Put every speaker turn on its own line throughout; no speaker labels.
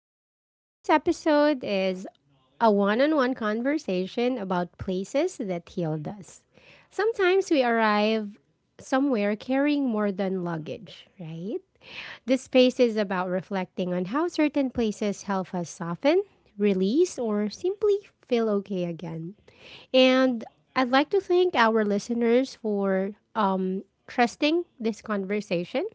Lounge. Today's episode is a one on one conversation about places that healed us. Sometimes we arrive somewhere carrying more than luggage, right? This space is about reflecting on how certain places help us soften, release, or simply feel okay again. And I'd like to thank our listeners for trusting this conversation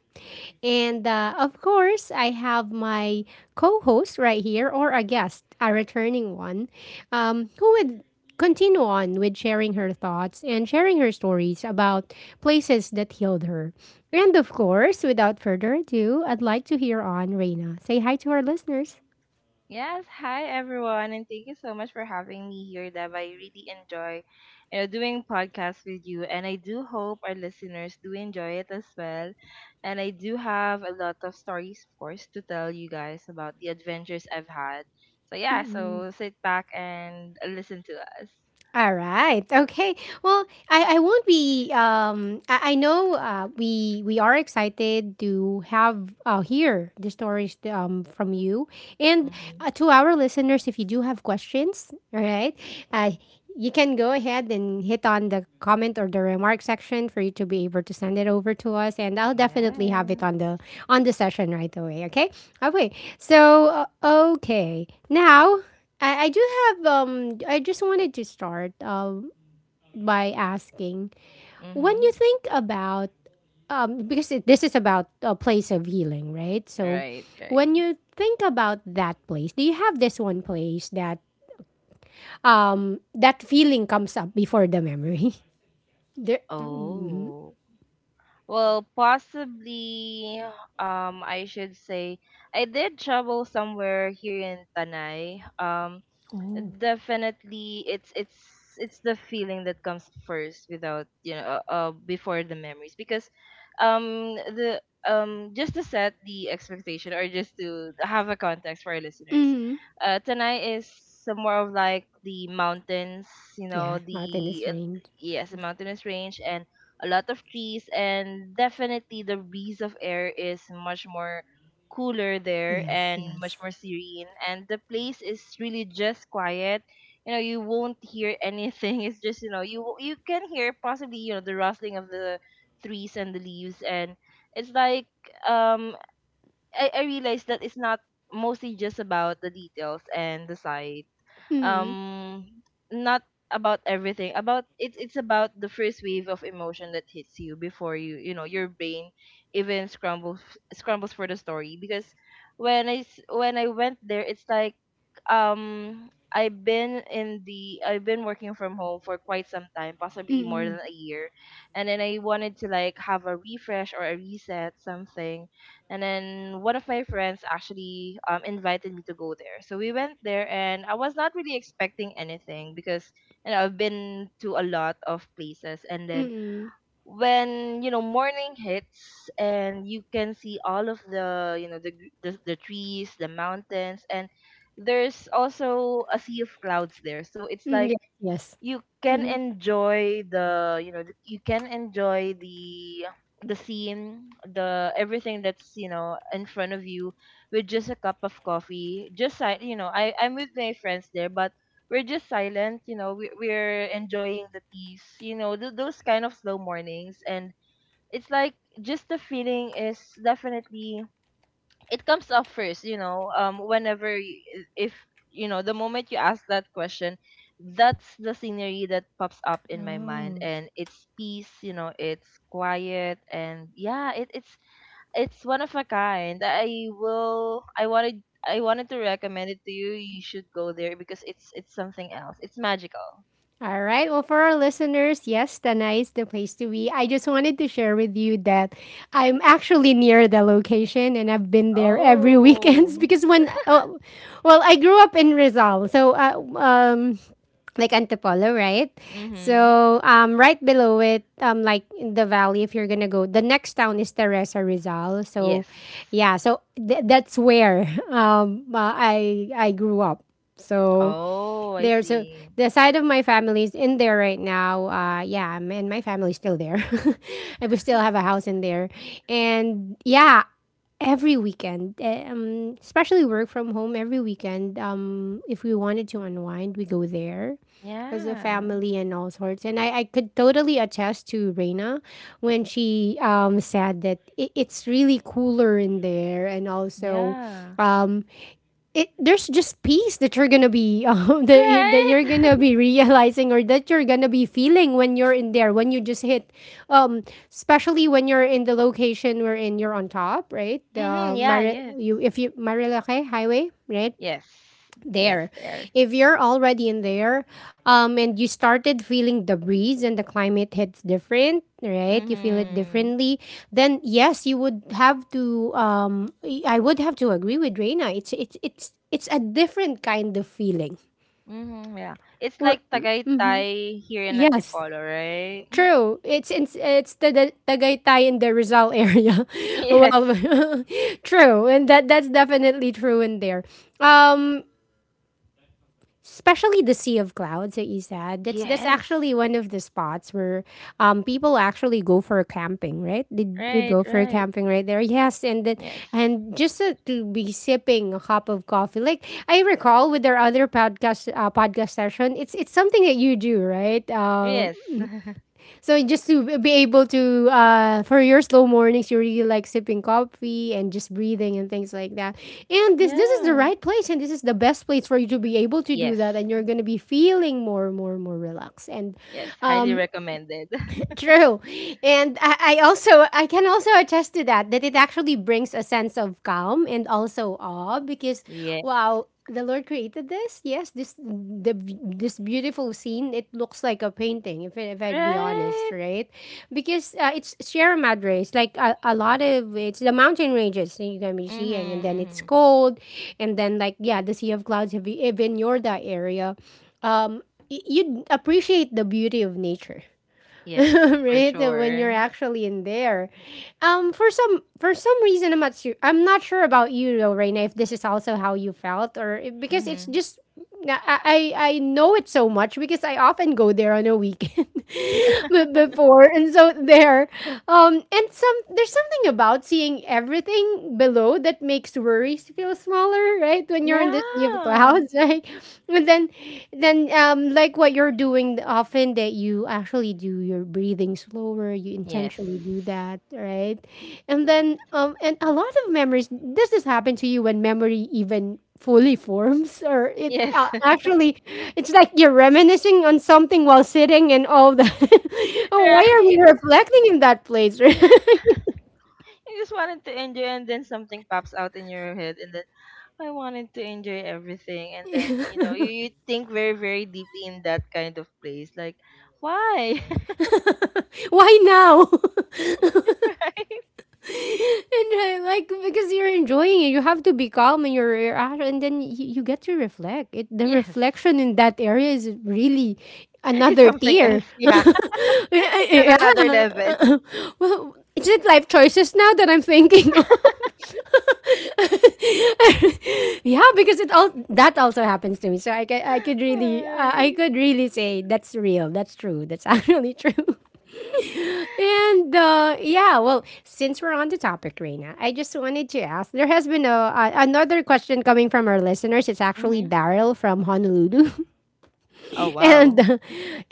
and of course, I have my co host right here, or a guest, a returning one, who would continue on with sharing her thoughts and sharing her stories about places that healed her. And of course, without further ado, I'd like to hear on Reina. Say hi to our listeners.
Yes, hi everyone, and thank you so much for having me here, Dev. I really enjoy doing podcasts with you, and I do hope our listeners do enjoy it as well. And I do have a lot of stories, of course, to tell you guys about the adventures I've had. So yeah, so sit back and listen to us.
All right. Okay. Well, I won't be. I know we are excited to have hear the stories from you and
Mm-hmm.
to our listeners. If you do have questions, all right, uh, you can go ahead and hit on the comment or the remark section for you to be able to send it over to us, and I'll definitely have
Yeah.
it on the session right away. Okay. Okay. So okay. Now I do have I just wanted to start by asking when
Mm-hmm.
you think about because this is about a place of healing, right? So
Right, right.
when you think about that place, do you have this one place that that feeling comes up before the memory? There, mm-hmm.
Oh. Well, possibly, I should say I did travel somewhere here in Tanay. Um,
Oh.
definitely it's the feeling that comes first without, before the memories, because the just to set the expectation, or just to have a context for our listeners,
Mm-hmm.
tonight, is some more of like the mountains, you know,
Yeah, mountain is
the
range.
yes, the mountainous range, and a lot of trees, and definitely the breeze of air is much more cooler there,
Yes,
and much
yes.
more serene, and the place is really just quiet. You know you won't hear anything. It's just, you can hear possibly, the rustling of the trees and the leaves. And it's like, um I realized that it's not mostly just about the details and the sight,
Mm-hmm.
um not about everything, about it's about the first wave of emotion that hits you before, you know your brain even scrambles for the story. Because when I went there, it's like, I've been working from home for quite some time, possibly more
Mm-hmm.
than a year. And then I wanted to, like, have a refresh, or a reset, something. And then one of my friends actually invited me to go there. So we went there, and I was not really expecting anything because, I've been to a lot of places. And then
Mm-hmm.
when, morning hits, and you can see all of the trees, the mountains, and there's also a sea of clouds there. So it's
Mm-hmm.
like,
Yes, yes.
you can
Mm-hmm.
enjoy the you know th- you can enjoy the scene, the everything that's, in front of you, with just a cup of coffee, just I'm with my friends there, but we're just silent. We're enjoying the peace, those kind of slow mornings. And it's like, just the feeling is definitely, it comes up first, if, the moment you ask that question, that's the scenery that pops up in my mind.
Oh.
And it's peace, it's quiet. And yeah, it's one of a kind. I wanted to recommend it to you. You should go there, because it's something else. It's magical.
All right. Well, for our listeners, yes, Tana is the place to be. I just wanted to share with you that I'm actually near the location and I've been there every
Oh.
weekends because when, oh, well, I grew up in Rizal, so like Antipolo, right?
Mm-hmm.
So right below it, like in the valley, if you're gonna go, the next town is Teresa Rizal. So,
Yes.
yeah, so that's where I grew up. So
Oh, I
there. So
see.
the side of my family is in there right now. Yeah, and my family's still there. and we still have a house in there. And yeah, every weekend, especially work from home, every weekend, if we wanted to unwind, we go there. As a
Yeah,
family and all sorts, and I could totally attest to Reina when she said that it's really cooler in there, and also
yeah.
um, there's just peace that you're gonna be that
Right?
you're gonna be realizing or that you're gonna be feeling when you're in there when you just hit um especially when you're in the location wherein you're on top right the
Mm-hmm. Yeah, yes.
You if you Marilake highway right
Yes. Yes,
there.
there.
If you're already in there, and you started feeling the breeze and the climate hits different, right? You feel it
Mm-hmm.
differently. Then yes, you would have to. I would have to agree with Reina. It's a different kind of feeling.
Mm-hmm. Yeah. It's
Or
like Tagaytay here in
yes.
Antipolo, right?
True. It's the Tagaytay in the Rizal area. well,
Yes.
true. And that's definitely true in there. Um especially the Sea of Clouds that you said. That's
Yes.
actually one of the spots where people actually go for camping, right? Did you
Right,
go for
right.
camping right there? Yes, and then
Yes.
and just to be sipping a cup of coffee, like I recall with our other podcast podcast session, it's something that you do, right?
Yes.
So just to be able to for your slow mornings you really like sipping coffee and just breathing and things like that. And this is the
Yeah.
right place and this is the best place for you to be able to do
Yes.
that and you're going to be feeling more relaxed and
Yes. Highly recommended.
true. And I also I can also attest to that that it actually brings a sense of calm and also awe because
Yeah.
wow, the Lord created this. Yes, this beautiful scene. It looks like a painting if if I'd be honest,
Right?
right? Because it's Sierra Madre. It's like a lot of it's the mountain ranges that you're gonna be seeing, and
Mm-hmm.
then it's
Mm-hmm.
cold, and then like yeah, the Sea of Clouds, if in your that area, um, you'd appreciate the beauty of nature
Yes, for
right? When you're
sure.
actually in there. For some reason, I'm not sure. I'm not sure about you though, Reina, if this is also how you felt because it's
Mm-hmm.
just I know it so much because I often go there on a weekend before, and so there. And some there's something about seeing everything below that makes worries feel smaller, right? When you're in this sea of
Yeah.
clouds, right? And then like what you're doing often that you actually do your breathing slower, you
Yes.
intentionally do that, right? And
Yes.
then, and a lot of memories. Does this happen to you when memory even fully forms, or it
Yes.
actually, it's like you're reminiscing on something while sitting and all that. oh, why are
Right.
we reflecting in that place?
You just wanted to enjoy, and then something pops out in your head, and then I wanted to enjoy everything, and then, you think very very deeply in that kind of place, like, why?
Why now?
Right?
and like because you're enjoying it, you have to be calm in your reaction, and then you get to reflect. It the
Yes.
reflection in that area is really
It's
another
something
tier.
else. Yeah. It's on
yeah.
another level.
Well, is it life choices now that I'm thinking of? yeah, because it all that also happens to me. So I
Ay.
could really say that's real. That's true. That's actually true. And yeah, well, since we're on the topic, Reina, I just wanted to ask. There has been a another question coming from our listeners. It's actually
Mm-hmm.
Daryl from Honolulu,
Oh,
and
wow.
uh,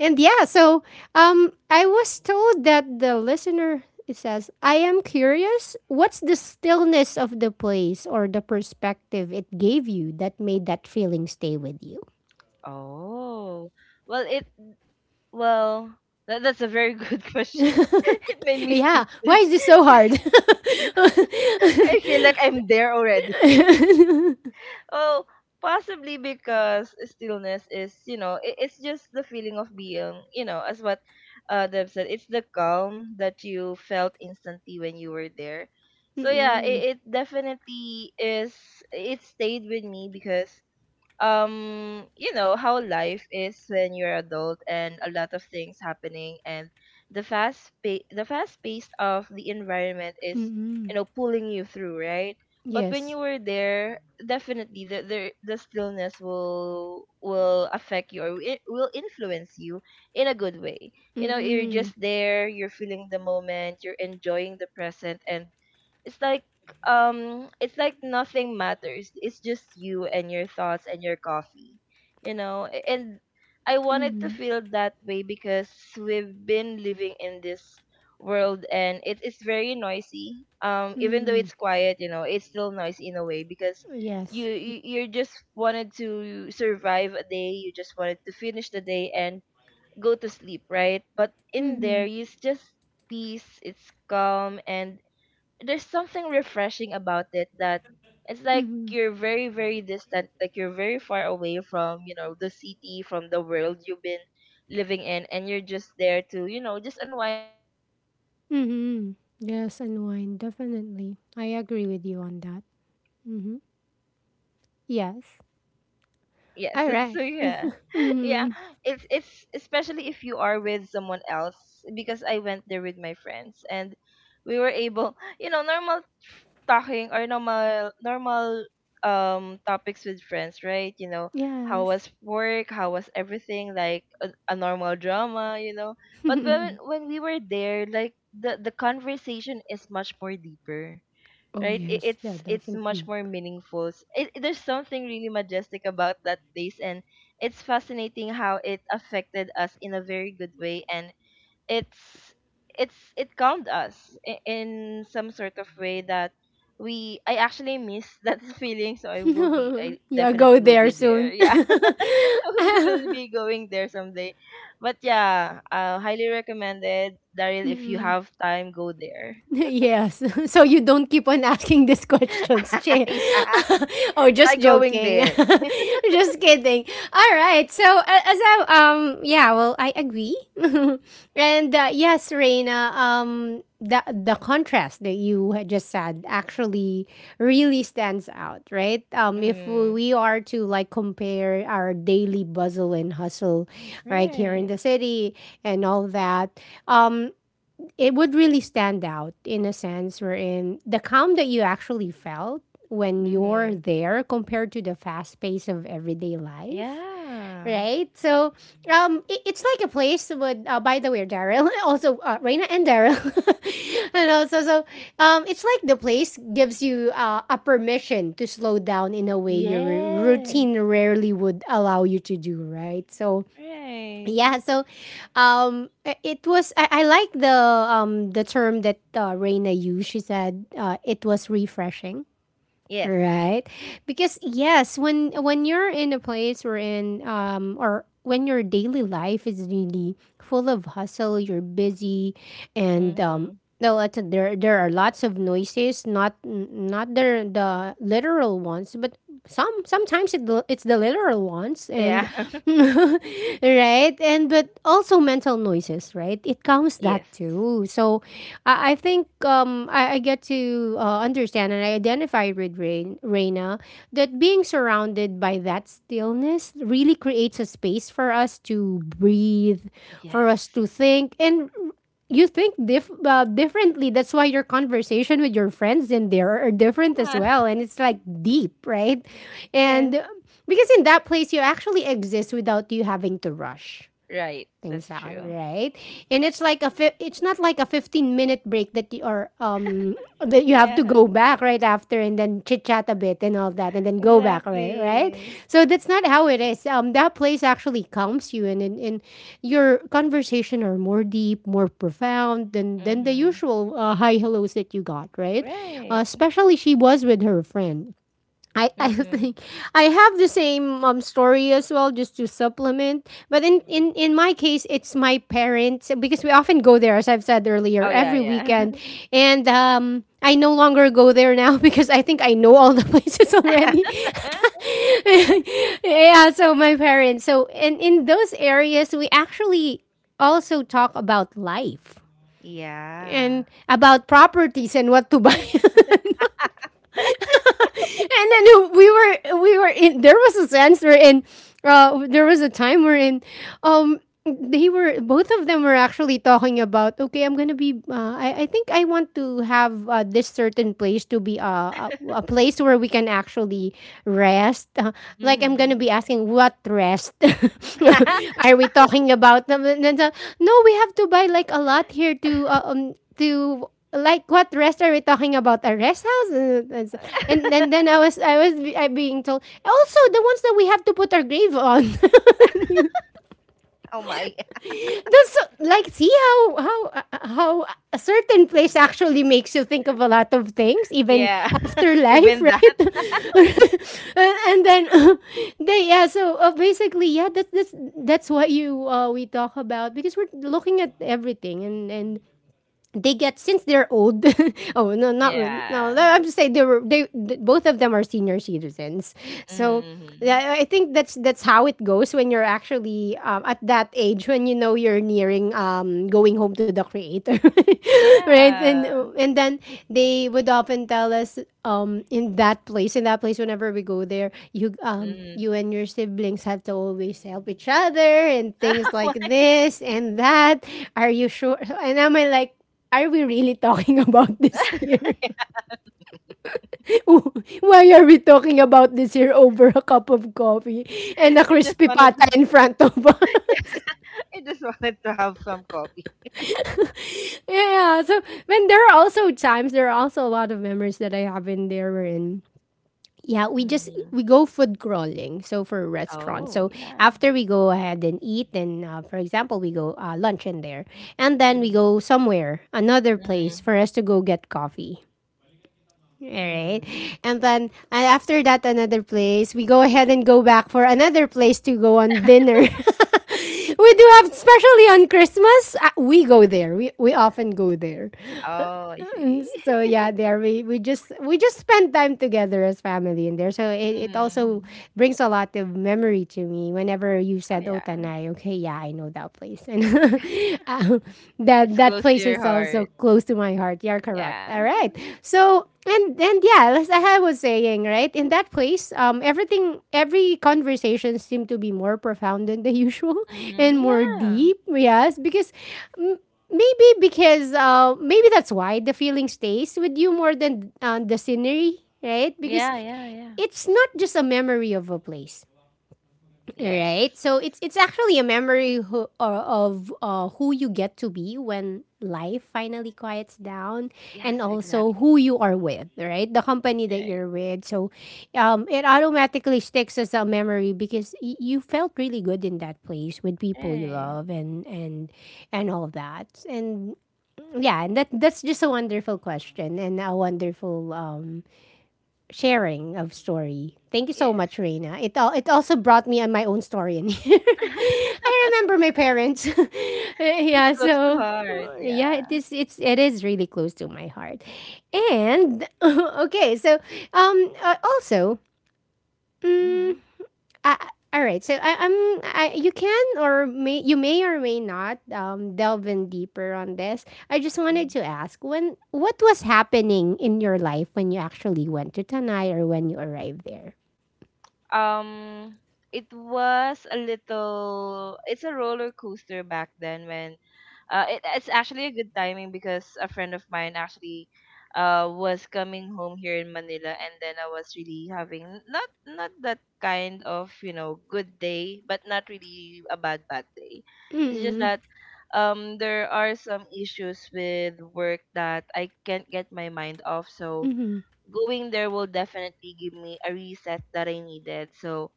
and yeah, so I was told that the listener it says, "I am curious. What's the stillness of the place or the perspective it gave you that made that feeling stay with you?"
Oh. Well, it well that's a very good question. It made me
Yeah, why
speechless.
is this so
'Cause
hard?
I feel like I'm there already.
Mm-mm.
Oh, possibly because stillness is, it's just the feeling of being, you know, as what Deb said. It's the calm that you felt instantly when you were there. So yeah, it definitely is. It stayed with me because, you know how life is when you're adult, and a lot of things happening. And the fast pace of the environment is,
Mm-mm.
you know, pulling you through, right? But when you
Yes.
were there, definitely the stillness will affect you, or it will influence you in a good way. You know, you're
Mm.
just there, you're feeling the moment, you're enjoying the present. And it's like, it's like nothing matters. It's just you and your thoughts and your coffee, and I
Hmm.
wanted to
Mm.
feel that way, because we've been living in this world, and it is very noisy.
Hmm.
Even though
Mm-mm.
it's quiet, it's still noisy in a way, because
Yes.
you just wanted to survive a day, you just wanted to finish the day and go to sleep, right? But in there,
Mm.
it's just peace, it's calm. And there's something refreshing about it, that it's
Hmm. Mm.
like you're
Hmm.
very very distant, like you're very far away from, the city, from the world you've been living in. And you're just there to, just unwind and enjoy the moment.
Mm-mm.
Yeah, I love
Yes,
being
and
there.
wine, definitely. I agree with you on that. Mm-hmm. Yes.
Yes.
All
So
right.
yeah. Yeah.
Mm-hmm.
It's especially if you are with someone else, because I went there with my friends, and we were able, normal talking, or normal topics with friends, right? You know, how
Yes.
was work, how was everything, like a normal drama. But when when we were there, like, the conversation is much more deeper,
Oh,
right? It,
yes.
it's
Yeah,
it's much
definitely.
more meaningful. There's something really majestic about that place, and it's fascinating how it affected us in a very good way, and it's it calmed us in some sort of way, that we I actually miss that feeling. So I will be I
yeah, go
definitely will be
there
there,
soon.
yeah. I would definitely be going there someday. But yeah, highly recommended, Daryl. If you
Mm-mm.
have time, go there.
Yes. So you don't keep on asking these questions, Che.
Yeah,
oh,
try
just
going
joking.
there.
just kidding. All right. As I yeah, well, I agree. and yes, Reina, the contrast that you had just said actually really stands out, right? If
Mm.
we are to like compare our daily bustle and hustle right here in
Right.
the city and all that, um it would really stand out in a sense wherein the calm that you actually felt when you're
Mm-hmm.
there compared to the fast pace of everyday life
Yeah.
right so it's like a place with by the way Daryl also Reina and Daryl and also so it's like the place gives you a permission to slow down in a way your
Yes.
routine rarely would allow you to do right so
Right.
yeah, so it was. I like the term that Reina used. She said it was refreshing,
Yes.
right? Because yes, when you're in a place where in or when your daily life is really full of hustle, you're busy, and
Mm-hmm.
no, there are lots of noises. Not the the literal ones, but sometimes it's the literal ones and
Yeah.
right? And but also mental noises, right? It comes that
Yes.
too. So I think I get to understand and I identify with Reina that being surrounded by that stillness really creates a space for us to breathe, for us
Yes.
to think, and you think differently. That's why your conversation with your friends in there are different as
Yeah.
well. And it's like deep, right? And
Yes.
because in that place, you actually exist without you having to rush
Right.
things
That's
out,
true.
right? And it's not like a 15-minute break that you are that you have to
Yeah.
go back right after and then chit chat a bit and all that and then go back right, right?
Exactly.
So that's not how it is. That place actually calms you and in your conversation are more deep, more profound than the
Mm-hmm.
usual hi hellos that you got, right?
Right.
Especially she was with her friend I
Mm-hmm.
think I have the same story as well, just to supplement. But in my case, it's my parents because we often go there, as I've said earlier,
Oh yeah,
every
yeah.
weekend. And I no longer go there now because I think I know all the places already. Yeah, so my parents. So in those areas, we actually also talk about life
Yeah.
and about properties and what to buy. And then we were we were in there was a sense where in there was a time where in um they were both of them were actually talking about, okay, I think I want to have this certain place to be a place where we can actually rest. Like, I'm gonna
Mm-hmm.
be asking, what rest are we talking about? No, we have to buy like a lot here to to, like, what rest are we talking about? A rest house. And then I being told also the ones that we have to put our grave on.
Oh my.
Like, see how how a certain place actually makes you think of a lot of things, even
Yeah.
after life.
Even that.
Right? And then they yeah, so basically, yeah, that's that's what you we talk about because we're looking at everything. And they get, since they're old. Oh, no not re- no no,
Yeah.
I'm just saying they were, both of them are senior citizens. So
Mm-hmm.
I think that's how it goes when you're actually at that age when you know you're nearing going home to the creator. Right?
Yeah.
And then they would often tell us, in that place, whenever we go there,
Mhm.
you and your siblings have to always help each other and things
Oh
like
my.
this and that. Are you sure? And am i, like, are we really talking about this here? Why are we talking about this here over a cup of coffee and a
I just
crispy
wanted to,
pata in front of us?
yeah, I just wanted to have some coffee.
Yeah, so when there are also times, there are also a lot of memories that I have in there, wherein, yeah,
Mm-hmm.
we go food crawling. So for restaurants,
Oh
so
yeah.
after we go ahead and eat, and for example, we go lunch in there, and then we
Mm-hmm.
go somewhere, another place
Mm-hmm.
for us to go get coffee. All right.
Mm-hmm.
And then and after that, another place. We go ahead and go back for another place to go on dinner. We do have, especially on Christmas, we go there. We often go there.
Oh, I
Mm,
see.
so yeah, there we just spend time together as family in there. So it also
Mhm.
brings a lot of memory to me whenever you
Oh,
said
yeah.
Otanai. Okay, yeah, I know that place. And um, that,
It's
that
close to
place
your
is also
heart.
close to my heart. You're correct, all
Yeah.
right. So and yeah, as I was saying, right, in that place, um, everything, every conversation seemed to be more profound than the usual
Hmm.
and more
Yeah.
deep, yes, because maybe, because maybe that's why the feeling stays with you more than the scenery, right? Because
Yeah, yeah, yeah.
it's not just a memory of a place, right?
Yes.
So it's actually a memory, who, or of, who you get to be when life finally quiets down, and
Yes,
also who
exactly.
you are with, right? The company that
Right.
you're with. So it automatically sticks as a memory because you felt really good in that place with people you
Right.
love. And all of that. And yeah, and that's just a wonderful question and a wonderful, sharing of story. Thank you so
Yes.
much, Reina. It also brought me on my own story in here. I remember my parents.
It's
Yeah,
close to
so
heart.
yeah,
Yeah.
it is, it is really close to my heart. And okay, so also. mm,
Mm-hmm.
uh, all right. You can, or may, you may or may not delve in deeper on this. I just wanted to ask, when, what was happening in your life when you actually went to Tanai, or when you arrived there.
Um, it was a little, it's a roller coaster back then, when it's actually a good timing, because a friend of mine actually was coming home here in Manila, and then I was really having not that kind of, good day, but not really a bad day. It's just
Mm.
that, there are some issues with work that I can't get my mind off, so
Mm.
going there will definitely give me a reset that I needed. So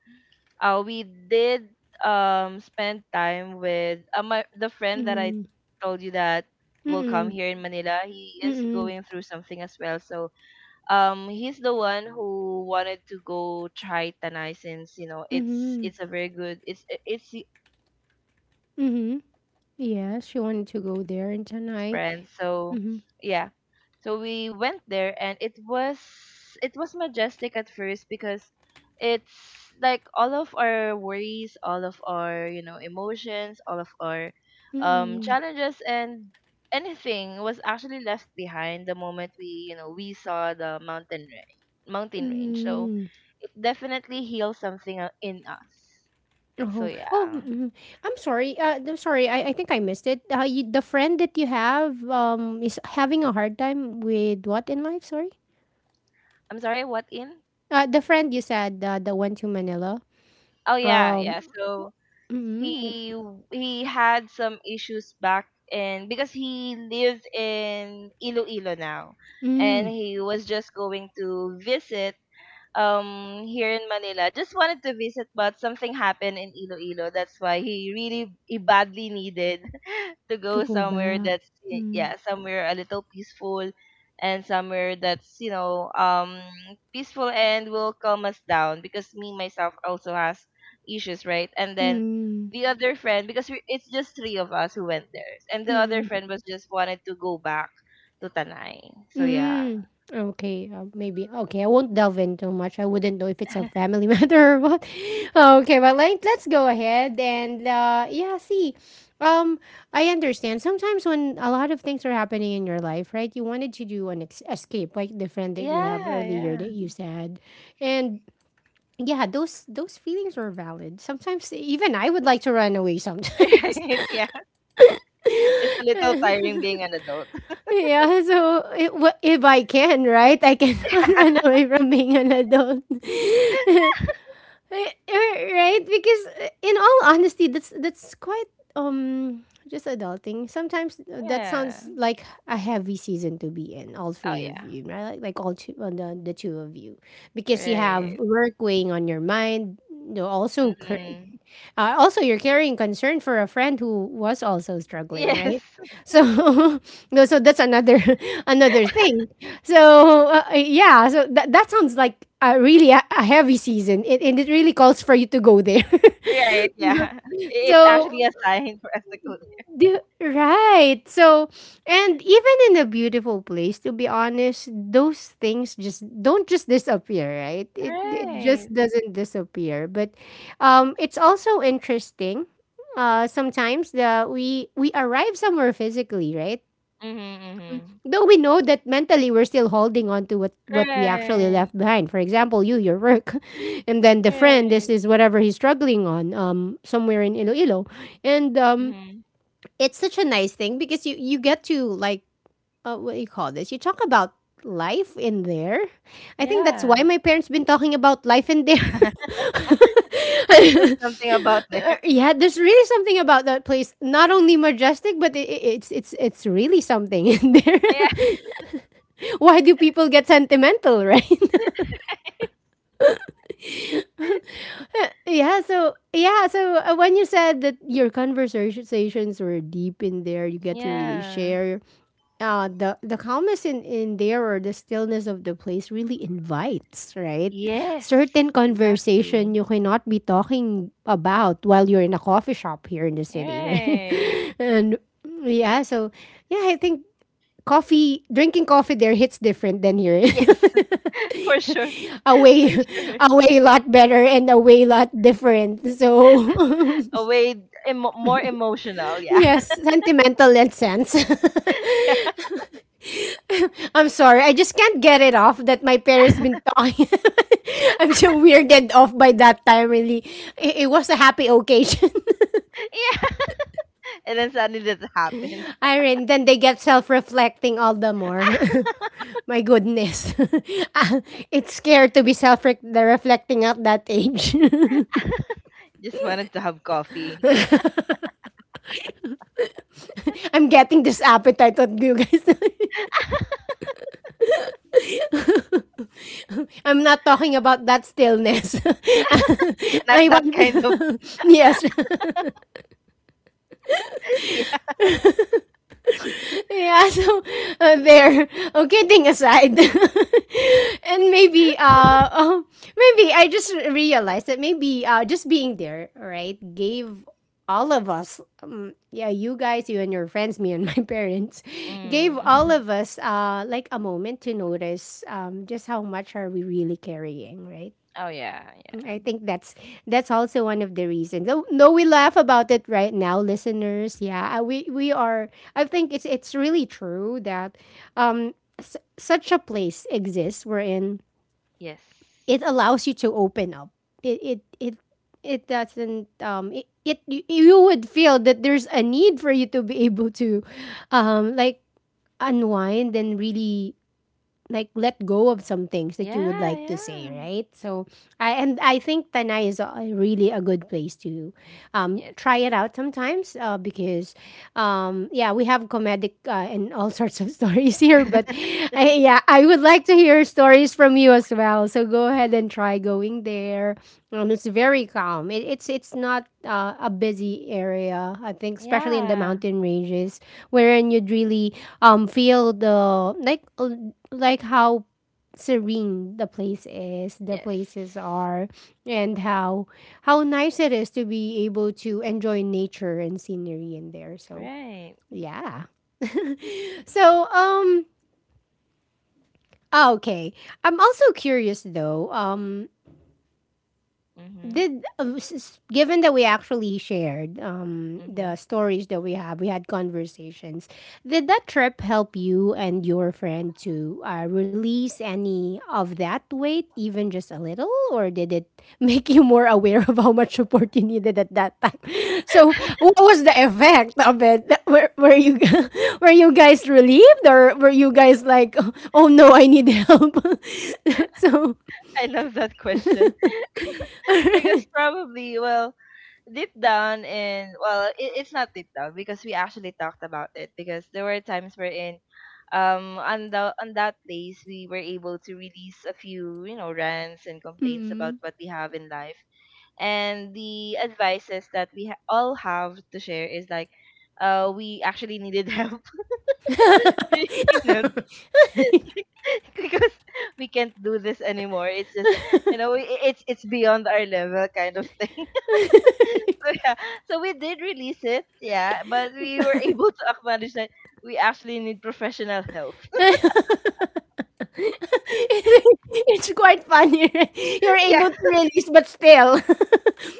we did spend time with my the friend that I
Mm.
told you that will come
Mm.
here in Manila. He is
Mm.
going through something as well, so he's the one who wanted to go try Tanay, since,
Mm.
it's a very good it's a very good
Mm.
place that
Yes, you
was
wanted
told
to go
by
there
one
in
of his
Tanai.
friends. So
Mm.
yeah, so we went there, and it was majestic at first, because it's like all of our worries, all of our, emotions, all of our,
Mm.
challenges, and anything was actually left behind the moment we saw the mountain range. So
Mm.
it definitely heals something, in us. So
Oh, oh,
yeah,
mm, I'm sorry. I'm sorry. I think I missed it. The friend that you have is having a hard time with what in life? Sorry.
I'm sorry. What in?
The friend you said that went to Manila.
Oh yeah,
Um,
yeah. So
mm,
he he had some issues back in, because he lives in Iloilo now, and
mm,
he was just going to visit here in Manila. Just wanted to visit, but something happened in Iloilo. That's why he badly needed to
to
go
go
somewhere
back.
that's,
Mm,
yeah, somewhere a little peaceful, and somewhere that's, peaceful and will calm us down, because me myself also has issues, right, and then
mm,
the other friend, because it's just three of us who went there, and the other
mm.
friend was just wanted to go back to Tanay. So yeah.
Mm, okay, maybe. Okay, I won't delve in too much. I wouldn't know if it's a family matter or what. Okay, but, like, let's go ahead and yeah, see. Um, I understand. Sometimes when a lot of things are happening in your life, right? You wanted to do an escape, like the friend that you have
Yeah,
earlier
yeah.
that you said, and yeah, those feelings are valid. Sometimes even I would like to run away sometimes.
Right, yeah. It's a little tiring being an adult.
Yeah, so if, if I can, right? I cannot run away from being an adult. Eh, right? Because in all honesty, that's quite just adulting. Sometimes that
Yeah.
sounds like a heavy season to be in, all
Oh,
three of
yeah.
you, right? Like all two the two of you. Because you have
Right.
work weighing on your mind, you know, also
Mhm.
also, you're carrying concern for a friend who was also struggling,
Yes.
right? So, no, so that's another another thing. So, yeah, so that that sounds like a really a heavy season, and it really calls for you to go there.
Right, yeah. It's
So,
actually a sign for us to go there.
right. So, and even in a beautiful place, to be honest, those things just don't just disappear, right? It
Right.
just doesn't disappear. But it's also interesting sometimes that we arrive somewhere physically, right?
Mm-hmm. Hmm.
Though we know that mentally we're still holding on to what we actually
Right.
left behind. For example, you, your work, and then the friend. This
Right.
is whatever he's struggling on, somewhere in Iloilo, and
Hmm.
it's such a nice thing because you get to, like, what do you call this? You talk about life in there. I think that's why
Yeah.
my parents been talking about life in there.
There's something about there.
Yeah, there's really something about that place. Not only majestic, but it's really something in there.
Yeah.
Why do people get sentimental, right? When you said that your conversations were deep in there, you get to really
Yeah.
share, the calmness in there, or the stillness of the place really invites, right? Certain
Yes.
conversation
Exactly.
you cannot be talking about while you're in a coffee shop here in the city, right?
Right.
And yeah, so yeah, I think coffee drinking coffee there hits different than here.
Yes. For sure.
A
For
way,
sure.
a way lot better and a way lot different. So
A way more emotional, yeah.
yes, sentimental and sense. I'm sorry. I just can't get it off that my parents been talking. I'm so weirded off by that time, really. It was a happy occasion.
Yeah. And then suddenly that happens.
Irene, then they get self reflecting all the more. My goodness. Ah, it's scary to be self reflecting at that age.
Just wanted to have coffee.
I'm getting this appetite on you guys. I'm not talking about that stillness.
Not
I want,
that kind of.
yes.
Yeah.
Yeah, so there. Okay, thing aside, and maybe oh, maybe I just realized that maybe just being there, right, gave all of us, yeah, you guys, you and your friends, me and my parents, gave all
Mm.
of us like a moment to notice just how much are we really carrying, right?
Oh yeah, yeah.
I think that's also one of the reasons. Though, we laugh about it right now, listeners. Yeah, we are. I think it's really true that such a place exists wherein it
Yes.
allows you to open up. It it it it doesn't, it, you would feel that there's a need for you to be able to like unwind and really like let go of some things that you would
Yeah,
like to say,
yeah.
right? So I think Tanay is a, really a good place to
Yes.
try it out sometimes, because yeah, we have comedic and all sorts of stories here, but yeah, I would like to hear stories from you as well. So go ahead and try going there. It's very calm. It's not a busy area. I think, especially in the
Yeah.
mountain ranges, wherein you'd really feel the like how serene the place is, the
Yes.
places are, and how nice it is to be able to enjoy nature and scenery in there. So
Right.
yeah. So um okay. I'm also curious though.
Mhm.
Did given that we actually shared the
Mhm.
stories that we had conversations, did that trip help you and your friend to release any of that weight even just a little, or did it make you more aware of how much support you needed at that time? so what was the effect of it? Were you guys relieved, or were you guys like, oh no, I need help? so
I love that question because probably well deep down and well it's not deep down because we actually talked about it because there were times wherein on that place we were able to release a few rants and complaints
mm.
about what we have in life, and the advices that we all have to share is like we actually needed help. We needed because we can't do this anymore. It's just, it's beyond our level kind of thing. So yeah, so we did release it, yeah, but we were able to acknowledge that we actually need professional help.
It's it's quite funny, right? You're
Yeah,
able to release, but still.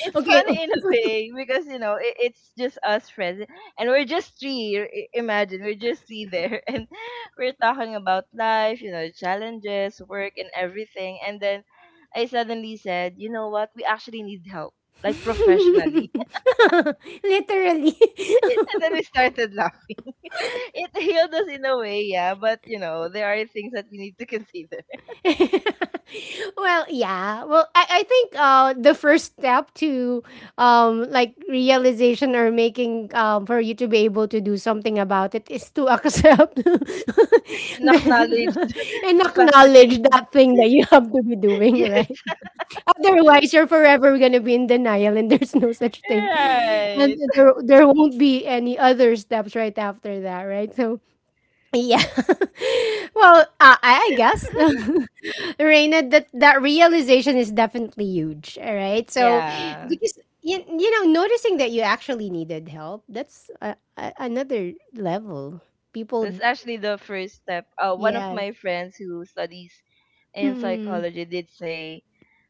it's
Okay.
funny in a way because it's just us friends, and we're just three. Imagine we're just three there, and we're talking about life, you know, challenges, work, and everything. And then I suddenly said, you know what? We actually need help, like professionally.
Literally.
And then we started laughing. It healed us in a way, yeah. But you know, there are things that we need to consider
well, yeah. Well, I think the first step to like realization or making for you to be able to do something about it is to accept
and
the-
acknowledge
and
the fact that you
acknowledge that thing
need.
that you have to be doing,
Yes,
right? Otherwise, you're forever gonna be in denial, and there's no such thing. And
right.
there won't be any other steps right after that, right? So, yeah. well, I guess, Reina, that that realization is definitely huge. All right. So
Yeah,
because you know noticing that you actually needed help, that's another level.
that's
People,
actually the first step. One of
yes.
my friends who studies in
Mm-mm.
psychology did say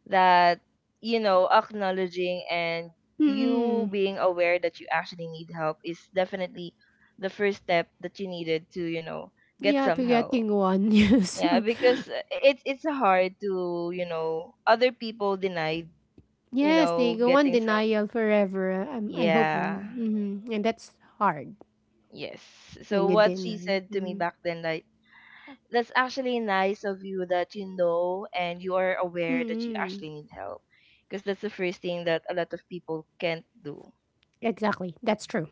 that acknowledging and you
Mm-mm.
being aware that you actually need help is definitely the first step that you needed to get
Yeah,
some
to
help.
getting one. Yes.
Yeah, because it's hard to, other people denied,
Yes, they go on
getting some.
denial forever. I hope.
Yeah.
Mm-hmm. And that's hard
Yes. So
when you
what she
deny.
said to me
Mm-hmm.
back then like that's actually nice of you that you know and you are aware that you
Mm-mm.
actually need help, because that's the first thing that a lot of people can't do.
Exactly. That's true.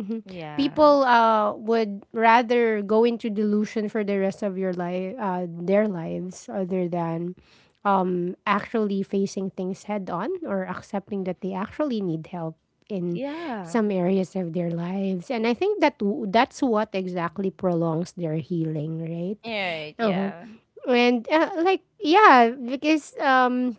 Mhm.
Yeah.
People would rather go into delusion for the rest of their lives, other than actually facing things head on or accepting that they actually need help in
Yeah.
some areas of their lives. And I think that that's what exactly prolongs their healing, right?
Right,
Uh-huh.
yeah.
And like, yeah, because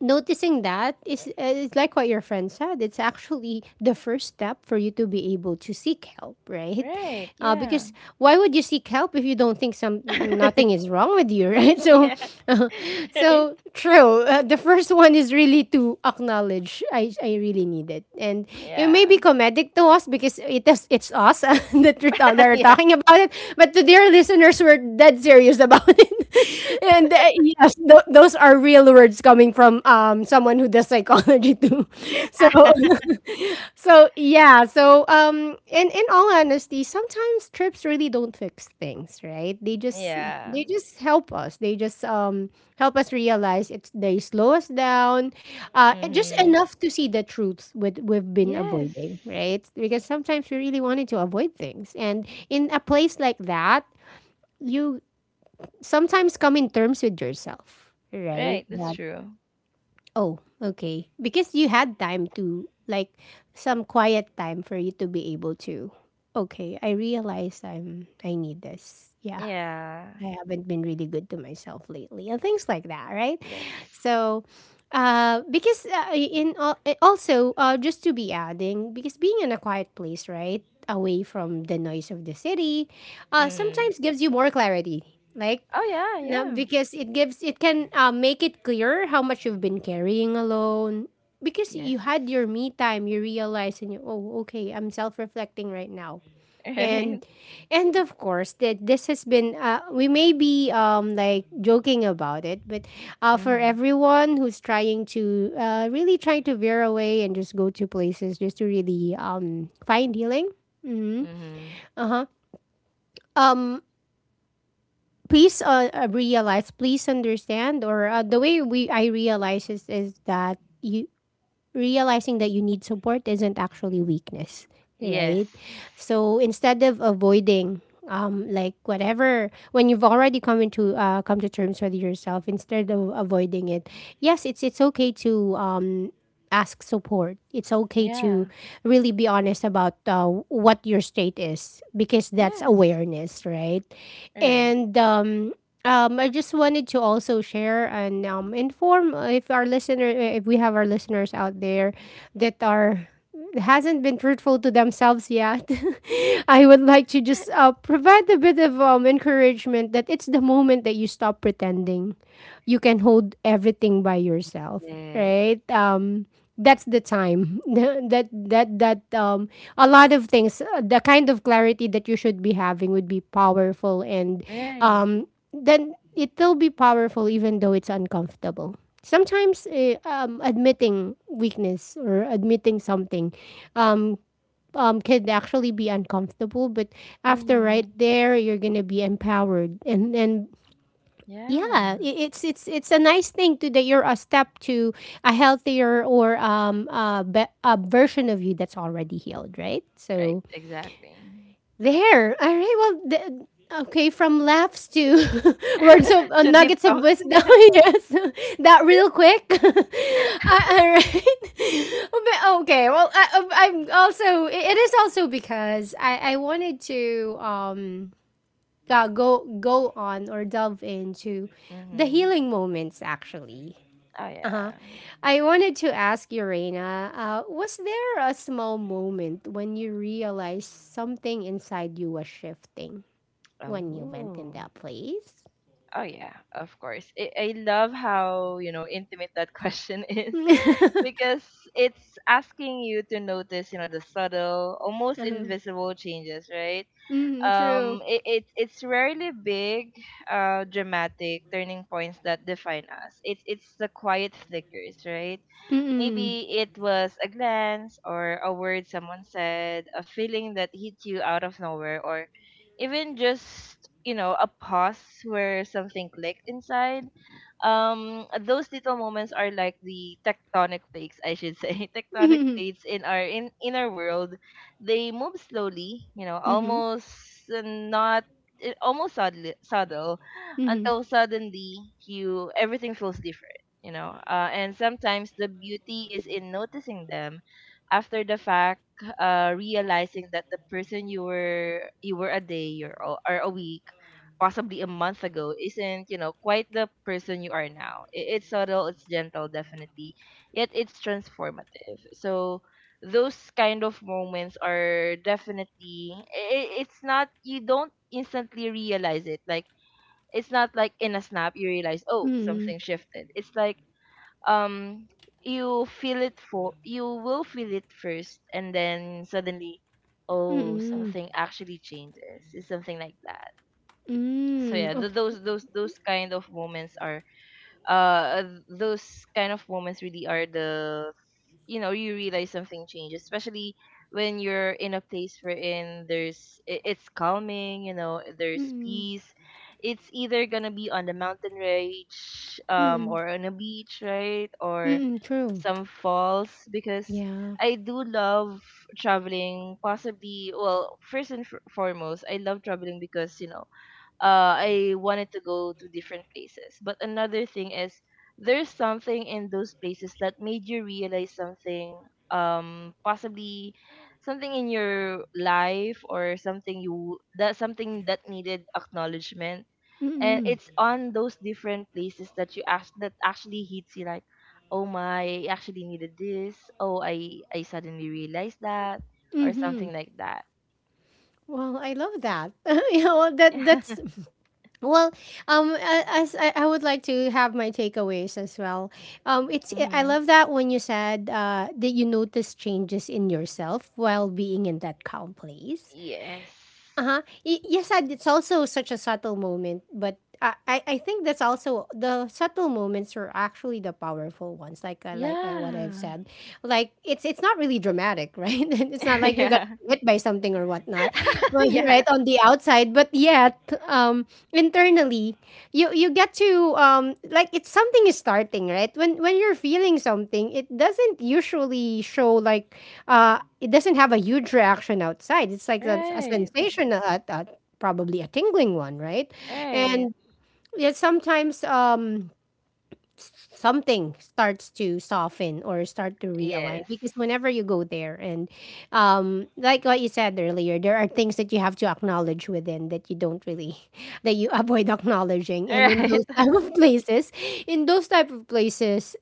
noticing that is like what your friend said. It's actually the first step for you to be able to seek help, right?
Right, yeah.
Because why would you seek help if you don't think some nothing is wrong with you, right? So,
Yeah. Right.
so true. The first one is really to acknowledge I really need it, and it may
Yeah.
be comedic to us because it's us that that are
Yeah.
talking about it. But to dear listeners, we're dead serious about it. and yes, those are real words coming from someone who does psychology too. So so yeah, so in all honesty, sometimes trips really don't fix things, right?
Yeah.
They just help us. They just help us realize it's they slow us down, and just
Mhm.
enough to see the truths with we've been
Yes.
avoiding, right? Because sometimes we really wanted to avoid things, and in a place like that you sometimes come in terms with yourself, right?
Right, that's
That,
true.
oh, okay. Because you had time to, like, some quiet time for you to be able to, okay, I need this. Yeah,
Yeah.
I haven't been really good to myself lately and things like that, right?
Yes.
So, also just to be adding because being in a quiet place right away from the noise of the city
Mm.
sometimes gives you more clarity like
Oh yeah,
no,
yeah.
because it can make it clear how much you've been carrying alone. Because
Yes.
you had your me time, you realize and you oh okay, I'm self reflecting right now. And
Right?
and of course that this has been we may be like joking about it, but for
Mm-hmm.
everyone who's trying to really trying to veer away and just go to places just to really find healing. Mm-hmm.
Mm-hmm.
Uh huh. Um Please realize please understand or the way we I realize is that you realizing that you need support isn't actually weakness,
Yes.
right? So instead of avoiding like whatever, when you've already come to terms with yourself, instead of avoiding it, yes it's okay to ask support. It's okay to
Yeah.
really be honest about what your state is because that's
Yes.
awareness, right?
Right.
And I just wanted to also share and inform if we have our listeners out there that are hasn't been truthful to themselves yet. I would like to just provide a bit of encouragement that it's the moment that you stop pretending, you can hold everything by yourself,
Yes.
right? That's the time that that that a lot of things the kind of clarity that you should be having would be powerful, and
Right.
um then it'll be powerful even though it's uncomfortable. Sometimes admitting weakness or admitting something um can actually be uncomfortable, but after right
Mm-hmm.
there you're gonna be empowered, and yeah,
Yeah.
it's a nice thing to that you're a step to a healthier or a version of you that's already healed, right?
Right,
So
exactly.
there. All right. Well, okay. From laughs to words of
Two deep
nuggets of
talks,
wisdom.
yeah.
yes, that real quick. All right. But, okay. Well, I'm also. It is also because I wanted to go on or delve into the
Mm-hmm.
healing moments actually.
Oh
Uh-huh.
yeah.
I wanted to ask you, Reina, was there a small moment when you realized something inside you was shifting when you went in
Oh.
that place?
Oh yeah, of course. I love how, intimate that question is
uh-huh.
because it's asking you to notice, the subtle, almost invisible changes, right?
Mm, true.
It's rarely big, dramatic turning points that define us. It's the quiet flickers, right?
Mm-mm.
Maybe it was a glance or a word someone said, a feeling that hit you out of nowhere, or even just, a pause where something clicked inside. Those little moments are like the tectonic plates, I should say, tectonic
Mm-hmm.
plates in our inner world. They move slowly, you know,
Mm-hmm.
almost, not, almost subtle,
Mm-hmm.
until suddenly you everything feels different, and sometimes the beauty is in noticing them after the fact, realizing that the person you were, a day or a week, possibly a month ago, isn't, quite the person you are now. It's subtle, it's gentle, definitely, yet it's transformative. So those kind of moments are definitely, it's not, you don't instantly realize it. Like, it's not like in a snap you realize, oh,
Mm-mm.
something shifted. It's like, um, you will feel it first, and then suddenly, oh,
Mm-mm.
something actually changes. It's something like that. So
Mm.
yeah,
Oh.
those kind of moments are, those kind of moments really are the, you realize something changes, especially when you're in a place wherein it's calming, there's
Mm-mm.
peace. It's either gonna be on the mountain range,
Mm-mm.
or on a beach, right, or
Mm-mm. True.
some falls. Because
Yeah.
I do love traveling. Possibly, well, first and foremost, I love traveling because you know, I wanted to go to different places. But another thing is there's something in those places that made you realize something, possibly something in your life, or something you that something that needed acknowledgement. And
Mm-mm.
it's on those different places that actually hits you like, oh my, I actually needed this. Oh, I suddenly realized that, or
Mm-hmm.
something like that.
Well, I love that. you know well, that that's well. As I would like to have my takeaways as well. It's I
Mm-hmm.
love that when you said that you notice changes in yourself while being in that calm place.
Yes.
Uh-huh. Yes, and it's also such a subtle moment, but I I think that's also the subtle moments are actually the powerful ones. What I've
Yeah.
said, like it's not really dramatic, right? it's not like you're gonna
Yeah.
be hit by something or whatnot, well, right?
Yeah.
On the outside, but yet internally, you get to like it's something is starting, right? When you're feeling something, it doesn't usually show like it doesn't have a huge reaction outside. It's like that's a
Right.
sensation, probably a tingling one, right?
Right.
And yet sometimes something starts to soften or start to realign
Yes.
because whenever you go there and like what you said earlier, there are things that you have to acknowledge within that you don't really, that you avoid acknowledging. And in
Right.
those type of places, in those type of places,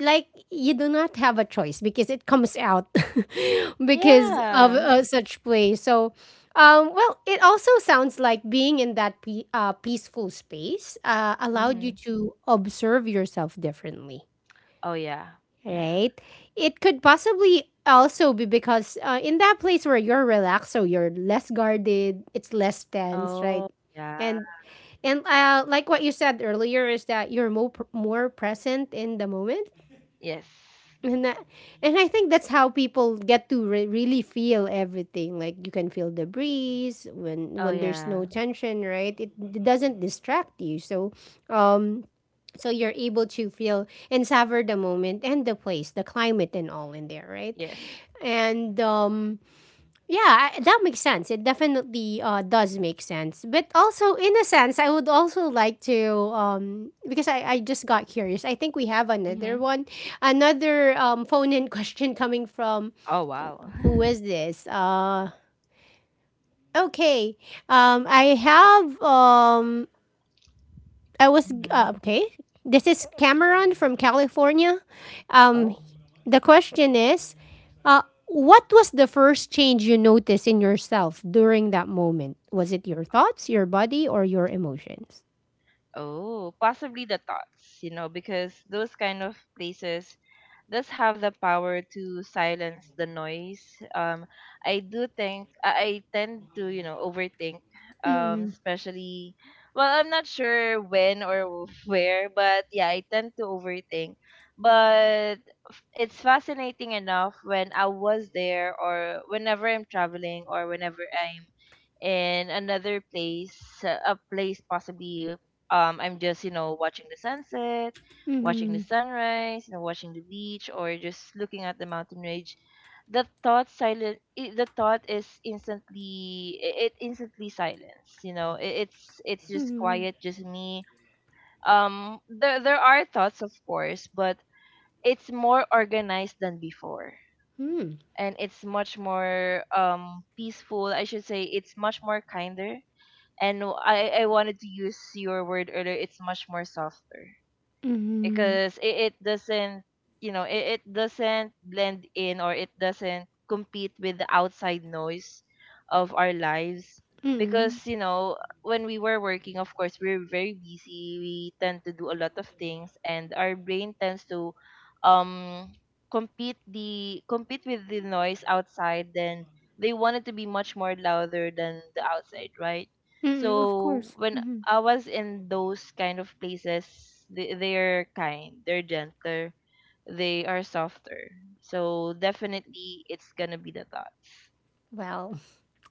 like you do not have a choice because it comes out because of
Yeah.
such play. So well it also sounds like being in that peaceful space allowed you
Mm-hmm.
to observe yourself differently,
Oh yeah. Yeah.
right? It could possibly also be because in that place where you're relaxed, so you're less guarded, it's less tense, right?
Oh yeah.
and and like what you said earlier is that you're more, more present in the moment,
Yes.
and that, and I think that's how people get to really feel everything. Like you can feel the breeze
Oh
when there's no
yeah.
tension, right? It doesn't distract you. So, um, so you're able to feel and savor the moment and the place, the climate and all in there, right?
Yes.
And yeah, that makes sense. It definitely does make sense. But also, in a sense, I would also like to, because I just got curious. I think we have another
Mm-hmm.
one, another phone in question coming from
Oh wow.
who is this? Okay, I have I was
Mm-hmm.
okay. This is Cameron from California. Um,
Oh.
the question is, uh, what was the first change you noticed in yourself during that moment? Was it your thoughts, your body, or your emotions?
Oh, possibly the thoughts, you know, because those kind of places does have the power to silence the noise. Um, I do think I tend to, overthink.
Mm-mm,
Especially, well, I'm not sure when or where, but yeah, I tend to overthink. But it's fascinating enough when I was there, or whenever I'm traveling, or whenever I'm in another place, a place, possibly I'm just, watching the sunset, watching the
mm-mm,
sunrise, watching the beach or just looking at the mountain range. The thought is instantly I- it instantly silence, you know. It's just
mm-mm,
quiet, just me. There are thoughts, of course, but it's more organized than before,
mm,
and it's much more peaceful, I should say. It's much more kinder, and I wanted to use your word earlier. It's much more softer
mm-mm,
because it doesn't blend in, or it doesn't compete with the outside noise of our lives. Because
mm-mm,
when we were working, of course we're very busy. We tend to do a lot of things, and our brain tends to, um compete with the noise outside. Then they want it to be much more louder than the outside, right?
mm-mm, of
So
course.
when
Mm-hmm.
I was in those kind of places, they're kind, they're gentler, they are softer. So definitely, it's gonna be the thoughts.
Well,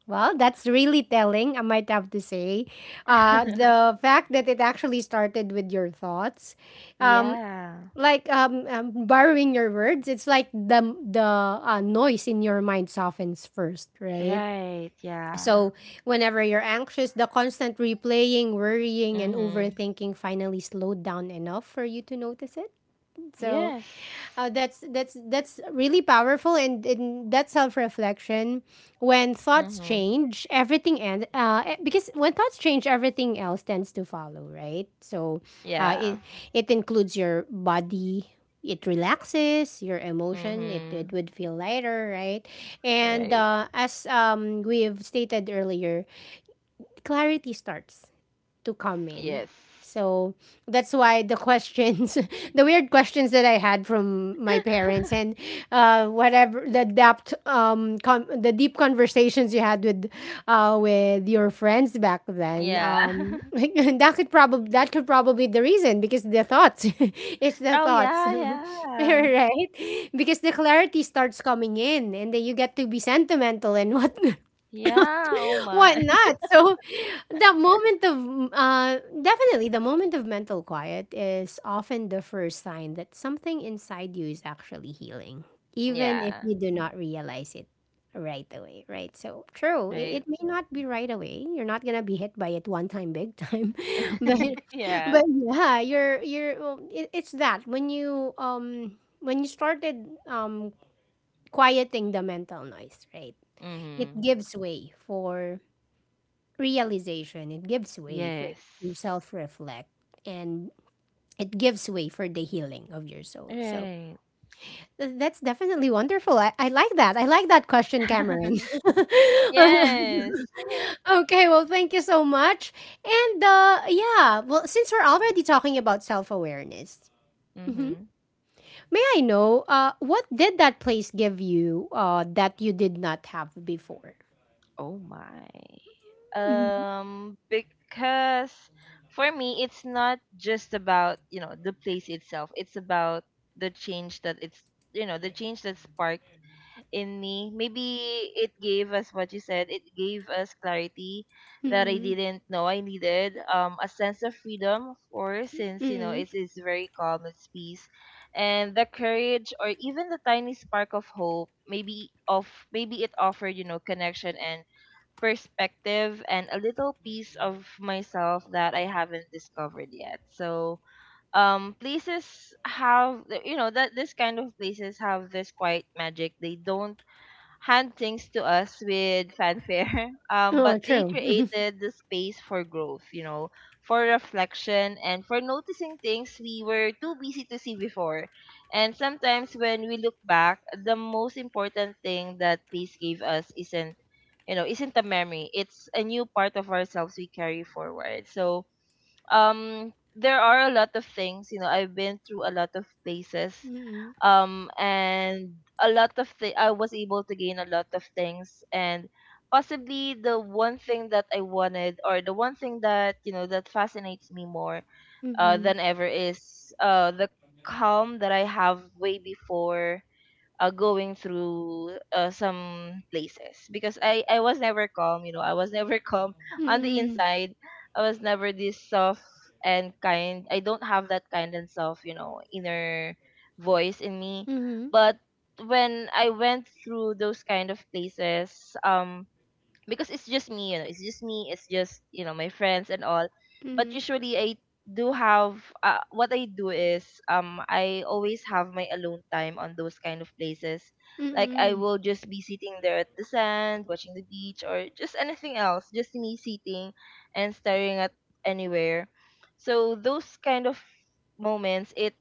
well, that's really telling. I might have to say, the fact that it actually started with your thoughts. Um,
Yeah.
like borrowing your words, it's like the noise in your mind softens first, right?
Right. Yeah.
So whenever you're anxious, the constant replaying, worrying, and
Mhm.
overthinking finally slowed down enough for you to notice it. So
Yes.
that's really powerful, and that self-reflection when thoughts
Mhm.
change everything. And because when thoughts change, everything else tends to follow, right? So
Yeah.
it it includes your body, it relaxes your emotion, it
Mhm.
would feel lighter, right? And
Right.
as we've stated earlier, clarity starts to come in.
Yes.
So that's why the questions, the weird questions that I had from my parents and whatever the depth, con the deep conversations you had with your friends back then,
Yeah.
that could probably be the reason because the thoughts, it's the
Oh
thoughts,
yeah. Yeah.
right? Because the clarity starts coming in, and then you get to be sentimental and what,
Yeah. Oh my.
whatnot. So the moment of definitely the moment of mental quiet is often the first sign that something inside you is actually healing, even if
Yeah.
you do not realize it right away, right? So true. It,
Right.
it may not be right away. You're not gonna be hit by it one time big time. but
Yeah.
but yeah, you're it's that when you started quieting the mental noise, right? It
Mhm.
gives way for realization, it gives way for
Yes.
to self-reflect, and it gives way for the healing of your soul. So
Right.
that's definitely wonderful. I like that, I like that question, Cameron.
Yes.
Okay, well, thank you so much. And yeah, well, since we're already talking about self-awareness, mhm,
Mhm.
may I know what did that place give you that you did not have before?
Oh my.
Mm-hmm.
Because for me, it's not just about, the place itself. It's about the change that it's, you know, the change that sparked in me. Maybe it gave us what you said. It gave us clarity that I
Mm-hmm.
didn't know I needed. A sense of freedom, of course, since you know
Mm-hmm.
it's it's very calm, it's peace, and the courage, or even the tiny spark of hope. Maybe it offered, connection and perspective and a little piece of myself that I haven't discovered yet. So, places have you know that this kind of places have this quiet magic. They don't hand things to us with fanfare.
Oh,
But they
true.
created the space for growth, for reflection and for noticing things we were too busy to see before. And sometimes when we look back, the most important thing that place gave us isn't you know, isn't a memory. It's a new part of ourselves we carry forward. So, there are a lot of things, I've been through a lot of places, and a lot of thi- I was able to gain a lot of things. And possibly the one thing that I wanted, or the one thing that that fascinates me more
Mm-hmm.
than ever, is the calm that I have way before, going through some places. Because I was never calm, I was never calm. On the
Mm,
inside, I was never this soft and kind. I don't have that kind and soft, inner voice in me.
mhm,
But when I went through those kind of places, um because it's just me, you know, it's just me, it's just, my friends and all. But
mhm,
usually I do have, what I do is, I always have my alone time on those kind of places. Like I
mm,
will just be sitting there at the sand, watching the beach or just anything else, just me sitting and staring at anywhere. So those kind of moments, it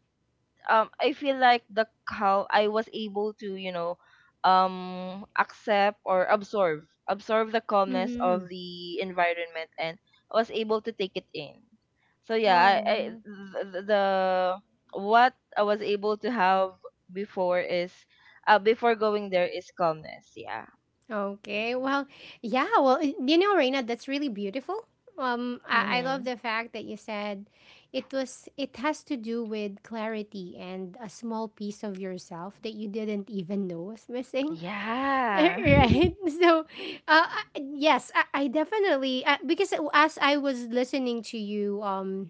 I feel like the how I was able to, accept or absorb the calmness
mhm.
of the environment, and was able to take it in. So yeah, I
Oh,
the what I was able to have before is, before going there, is calmness. Yeah.
okay. Well, yeah, well, you know, Reina, that's really beautiful. I love
Mhm.
the fact that you said it was, it has to do with clarity and a small piece of yourself that you didn't even know was missing,
Yeah.
right? So, uh, yes, I definitely because as I was listening to you,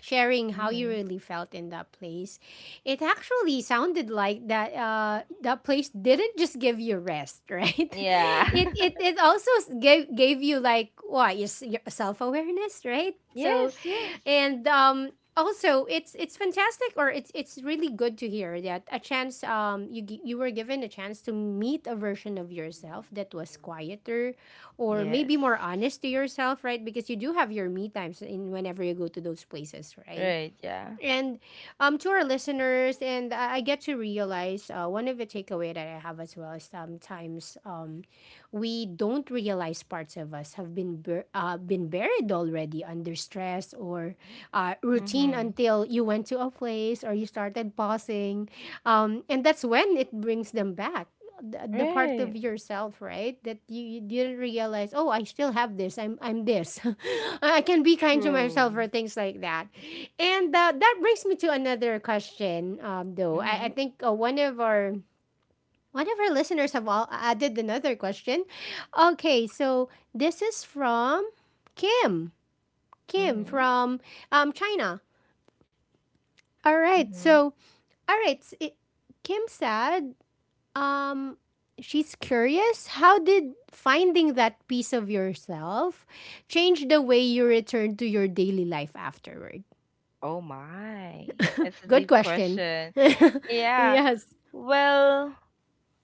sharing how you
Mhm.
really felt in that place, it actually sounded like that that place didn't just give you rest, right?
Yeah.
It also gave you like what your, your self awareness, right? So,
Yes. Yes.
and also it's fantastic or it's really good to hear that a chance, um, you were given a chance to meet a version of yourself that was quieter or
Yes.
maybe more honest to yourself, right? Because you do have your me times in whenever you go to those places, right?
Right. Yeah.
And to our listeners, and I get to realize one of the takeaway that I have as well is sometimes we don't realize parts of us have been been buried already under stress or routine
Mhm.
until you went to a place or you started pausing, and that's when it brings them back. The part
Right.
of yourself, right, that you didn't realize. Oh, I still have this. I'm this. I can be kind to myself
True.
or things like that. And that brings me to another question, though. I
Mhm.
think one of our listeners have all added another question. Okay, so this is from Kim. Kim
Mhm.
from China. All right,
Mhm.
so all right, Kim said um, she's curious. How did finding that piece of yourself change the way you return to your daily life afterward?
Oh my. It's a
Good
deep
question.
question. Yeah.
Yes.
Well,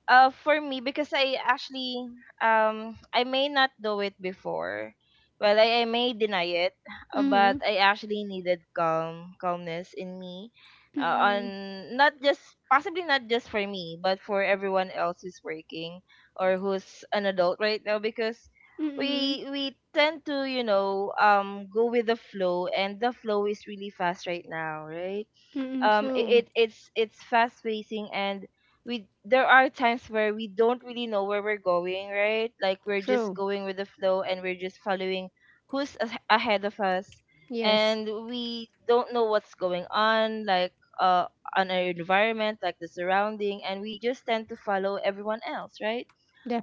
for me, because I actually, I may not do it before. Well, I may deny it,
Mm-hmm.
but I actually needed calmness in me. On
Mm-mm.
not just possibly not just for me, but for everyone else who's working or who's an adult right now because
Mm-mm.
we tend to, go with the flow, and the flow is really fast right now, right?
Mm-mm.
um i-
True.
it it's it's fast pacing, and we there are times where we don't really know where we're going, right? Like we're just
True.
going with the flow and we're just following ahead of us,
Yes.
and we don't know what's going on, like uh on our environment, like the surrounding, and we just tend to follow everyone else, right?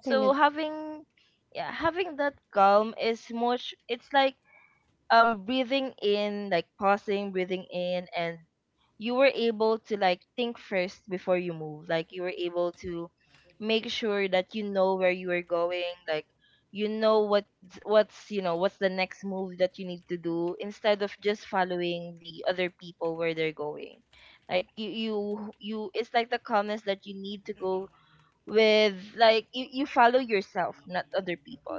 So having, yeah, having that calm is much, it's like breathing in, like pausing, breathing in, and you were able to like think first before you move, like you were able to make sure that you know where you are going, like you know what, what's what's the next move that you need to do instead of just following the other people where they're going, like you, it's like the calmness that you need to go with. Like you follow yourself, not other people.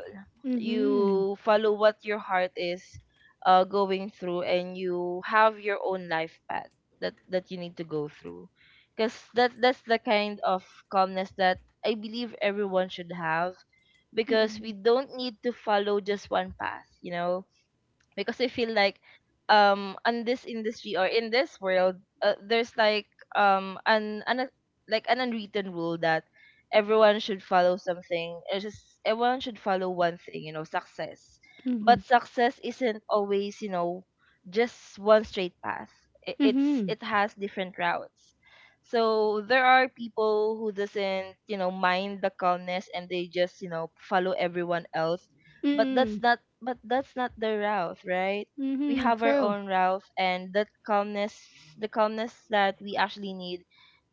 Mm-hmm.
You follow what your heart is going through, and you have your own life path that you need to go through, because that's the kind of calmness that I believe everyone should have, because we
Mm-mm.
don't need to follow just one path, you know. Because I feel like on this industry or in this world, there's like an like an unwritten rule that everyone should follow something. It's just everyone should follow one thing, you know, success.
Mm-hmm.
But success isn't always, you know, just one straight path. It
Mm-hmm.
it has different routes. So there are people who doesn't, you know, mind the calmness and they just, you know, follow everyone else,
Mm-mm.
but that's not the Ralph, right? We
Mm-hmm.
have our
True.
own Ralph, and that calmness, the calmness that we actually need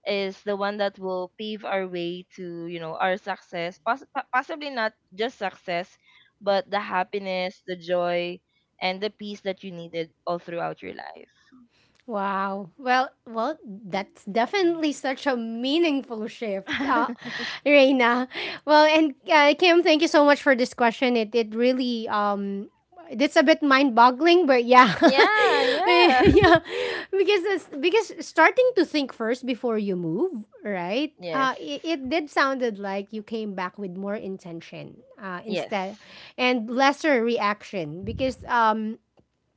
is the one that will pave our way to, you know, our success. Possibly not just success, but the happiness, the joy, and the peace that you needed all throughout your life.
Wow. Well, well, that's definitely such a meaningful shift, Reina. Well, and Kim, thank you so much for this question. It really it's a bit mind boggling, but yeah,
yeah,
Eh,
yeah.
yeah, because it's, because starting to think first before you move, right?
Yes.
It did sounded like you came back with more intention instead
Yes.
and lesser reaction because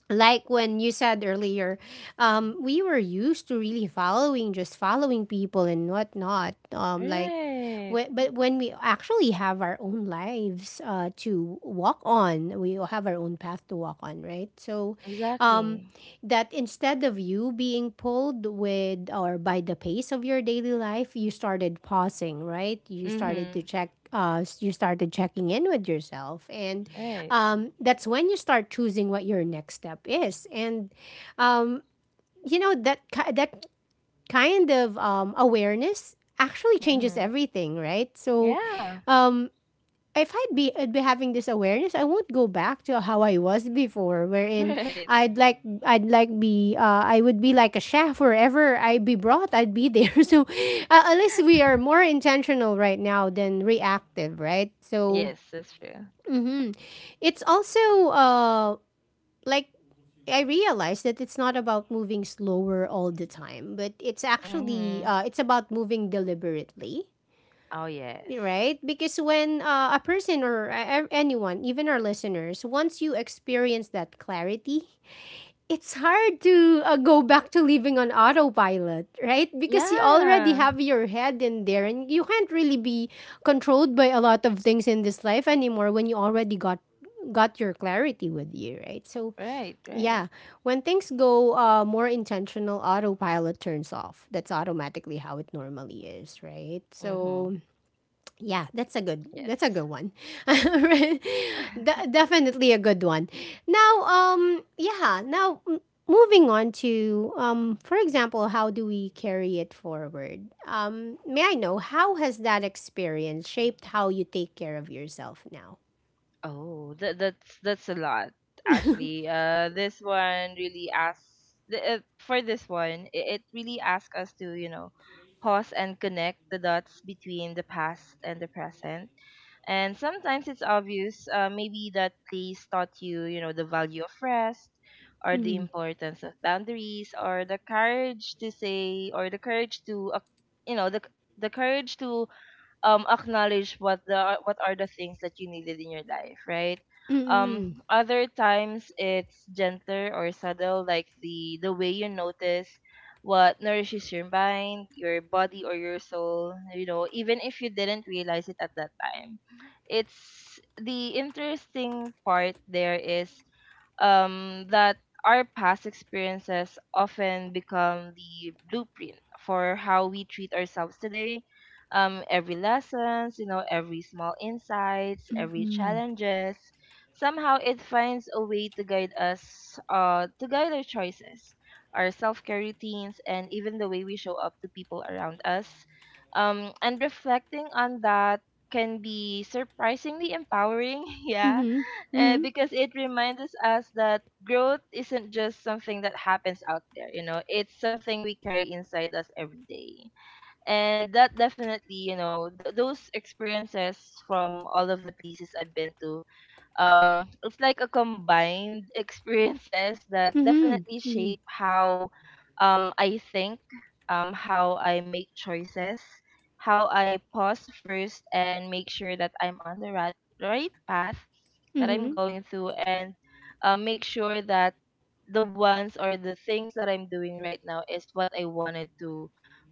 like when you said earlier, we were used to really following, just following people and whatnot. Like,
Right.
but when we actually have our own lives to walk on, we have our own path to walk on, right? So, um,
Exactly.
that instead of you being pulled with or by the pace of your daily life, you started pausing, right? You started to
Mhm.
check. You started checking in with yourself, and
Right.
that's when you start choosing what your next step is, and um, you know, that kind of awareness actually changes
Mhm.
everything, right? So
Yeah.
um, if I'd be having this awareness, I won't go back to how I was before, wherein
Right.
I'd like I'd like be I would be like a chef wherever I be brought, I'd be there. So unless we are more intentional right now than reactive, right? So
Yes, that's true.
hmm, it's also like I realized that it's not about moving slower all the time, but it's
Mm-hmm.
actually it's about moving deliberately,
Oh, yes.
right? Because when a person or anyone, even our listeners, once you experience that clarity, it's hard to go back to living on autopilot, right? Because you already
Yeah.
have your head in there, and you can't really be controlled by a lot of things in this life anymore when you already got your clarity with you, right? So
Right, right.
yeah. When things go more intentional, autopilot turns off. That's automatically how it normally is, right?
Mm-hmm.
So yeah,
Yes.
that's a good one. Right? Definitely a good one. Now, yeah, now moving on to for example, how do we carry it forward? May I know how has that experience shaped how you take care of yourself now?
Oh, that's a lot actually. This one really asks the, for this one. It really asks us to, you know, pause and connect the dots between the past and the present. And sometimes it's obvious, maybe that place taught you, you know, the value of rest or the
Mm-hmm.
importance of boundaries, or the courage to say, or the courage to, you know, the courage to acknowledge what are the things that you needed in your life, right? um
Mm-hmm.
Other times it's gentler or subtle, like the way you notice what nourishes your mind, your body, or your soul, you know, even if you didn't realize it at that time. It's the interesting part there is that our past experiences often become the blueprint for how we treat ourselves today. Every lessons, you know, every small insights, every
Mm-hmm.
challenges. Somehow it finds a way to guide us, to guide our choices, our self-care routines, and even the way we show up to people around us. And reflecting on that can be surprisingly empowering, yeah,
Mm-hmm.
because it reminds us that growth isn't just something that happens out there, you know, it's something we carry inside us every day. And that, definitely, you know, those experiences from all of the places I've been to, it's like a combined experiences that
Mhm.
definitely
Mhm.
shape how, I think, how I make choices, how I pause first and make sure that I'm on the right path that I'm
Mhm.
going through, and make sure that the ones or the things that I'm doing right now is what I wanted to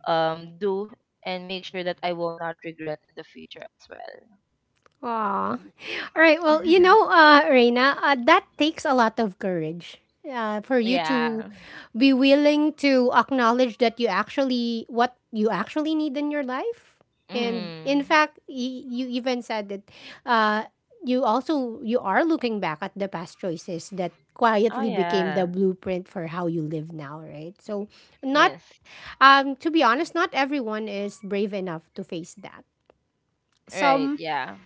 do, and make sure that I will not regret in the future as well.
Aw. All right. Well, you know, Reina, that takes a lot of courage. For you
Yeah.
to be willing to acknowledge that you actually what you actually need in your life, and in
Mm.
fact, you even said that uh, you also you are looking back at the past choices that
Oh
quietly became
yeah.
the blueprint for how you live now, right? So, not
Yes.
to be honest, not everyone is brave enough to face that.
Right.
some
Yeah.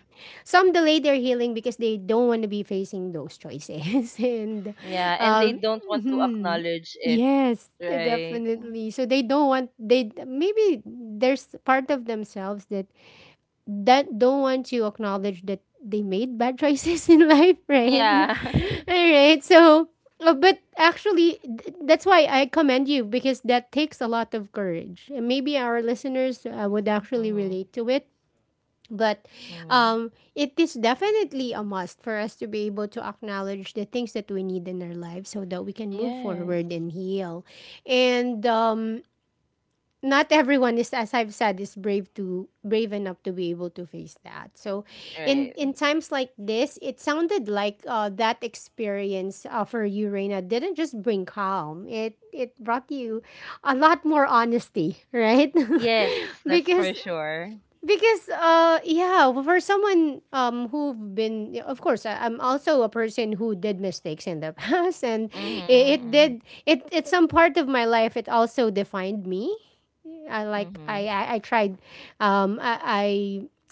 some delay their healing because they don't want to be facing those choices and
Yeah. And they
um
don't want to
mhm.
acknowledge it.
Yes,
Right.
definitely, so they don't want they maybe there's part of themselves that that don't want to acknowledge that they made bad choices in life, right?
Yeah.
All right, so but actually that's why I commend you because that takes a lot of courage, and maybe our listeners would actually
mm-hmm.
relate to it. But
Mm-hmm.
it is definitely a must for us to be able to acknowledge the things that we need in our lives so that we can move
Yes.
forward and heal. And not everyone is, as I've said, is brave enough to be able to face that. So,
Right.
in times like this, it sounded like that experience for you, Reina, didn't just bring calm. It brought you a lot more honesty, right?
Yes. That's for
because
sure.
because yeah, well, for someone who've been of course I'm also a person who did mistakes in the past, and it
Mm-hmm.
did it, it's some part of my life, it also defined me.
Mm-hmm. Mm-hmm.
I tried I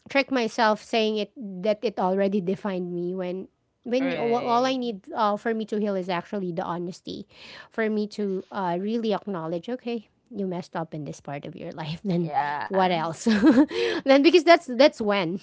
tricked myself saying it that it already defined me when all I
Right.
need for me to heal is actually the honesty for me to
Yes.
really acknowledge, okay, you messed up in this part of your life, then what
Yeah.
else then because that's when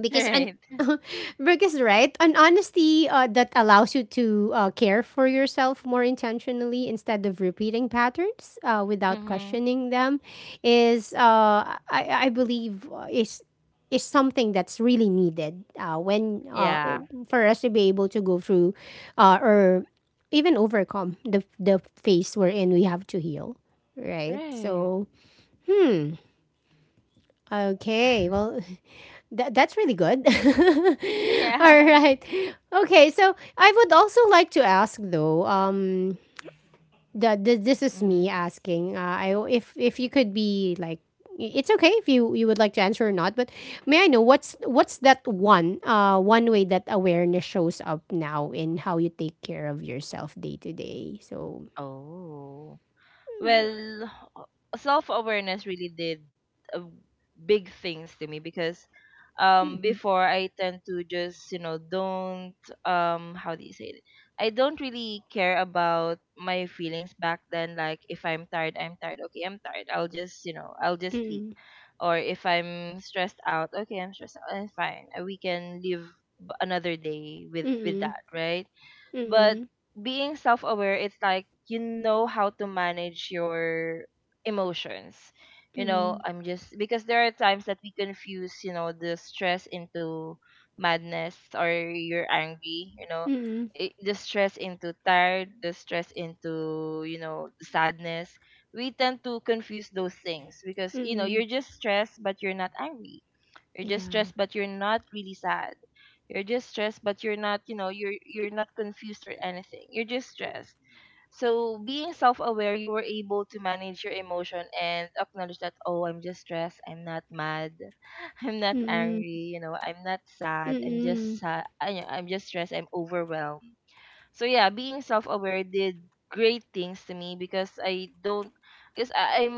because an
Right.
Brooke is right. An honesty that allows you to care for yourself more intentionally instead of repeating patterns without
Mm-hmm.
questioning them is, I believe, is something that's really needed when
Yeah.
for us to be able to go through or even overcome the phase we're in. We have to heal, right?
Right.
So okay, well, that's really good. All
Yeah.
right. Okay, so I would also like to ask, though, um, that the this is me
Mm-hmm.
asking. I if you could be like, it's okay if you would like to answer or not, but may I know what's that one one way that awareness shows up now in how you take care of yourself day to day. So
Oh. Well, self-awareness really did, uh, big things to me, because
Mm-mm.
before I tend to just, you know, don't, how do you say it, I don't really care about my feelings back then. Like if I'm tired, I'm tired, okay, I'm tired, I'll just, you know, I'll just sleep.
Mm-mm.
Or if I'm stressed out, okay, I'm stressed out, I'm fine. We can live another day with
Mm-mm.
that, right? But
Mm-mm.
being self aware, it's like you know how to manage your emotions. You know,
Mm-mm.
I'm just, because there are times that we confuse, you know, the stress into madness, or you're angry, you know,
Mm-mm.
the stress into tired, the stress into, you know, sadness. We tend to confuse those things because, you know,
Mm-mm.
you're just stressed but you're not angry. You're just
Yeah.
stressed but you're not really sad. You're just stressed, but you're not, you know, you're not confused or anything. You're just stressed. So being self-aware, you were able to manage your emotion and acknowledge that, oh, I'm just stressed. I'm not mad. I'm not
Mm-mm.
angry. You know, I'm not sad. I'm just
Mm-mm.
sad. I'm just stressed. I'm overwhelmed. So yeah, being self-aware did great things to me, because I don't, because I- I'm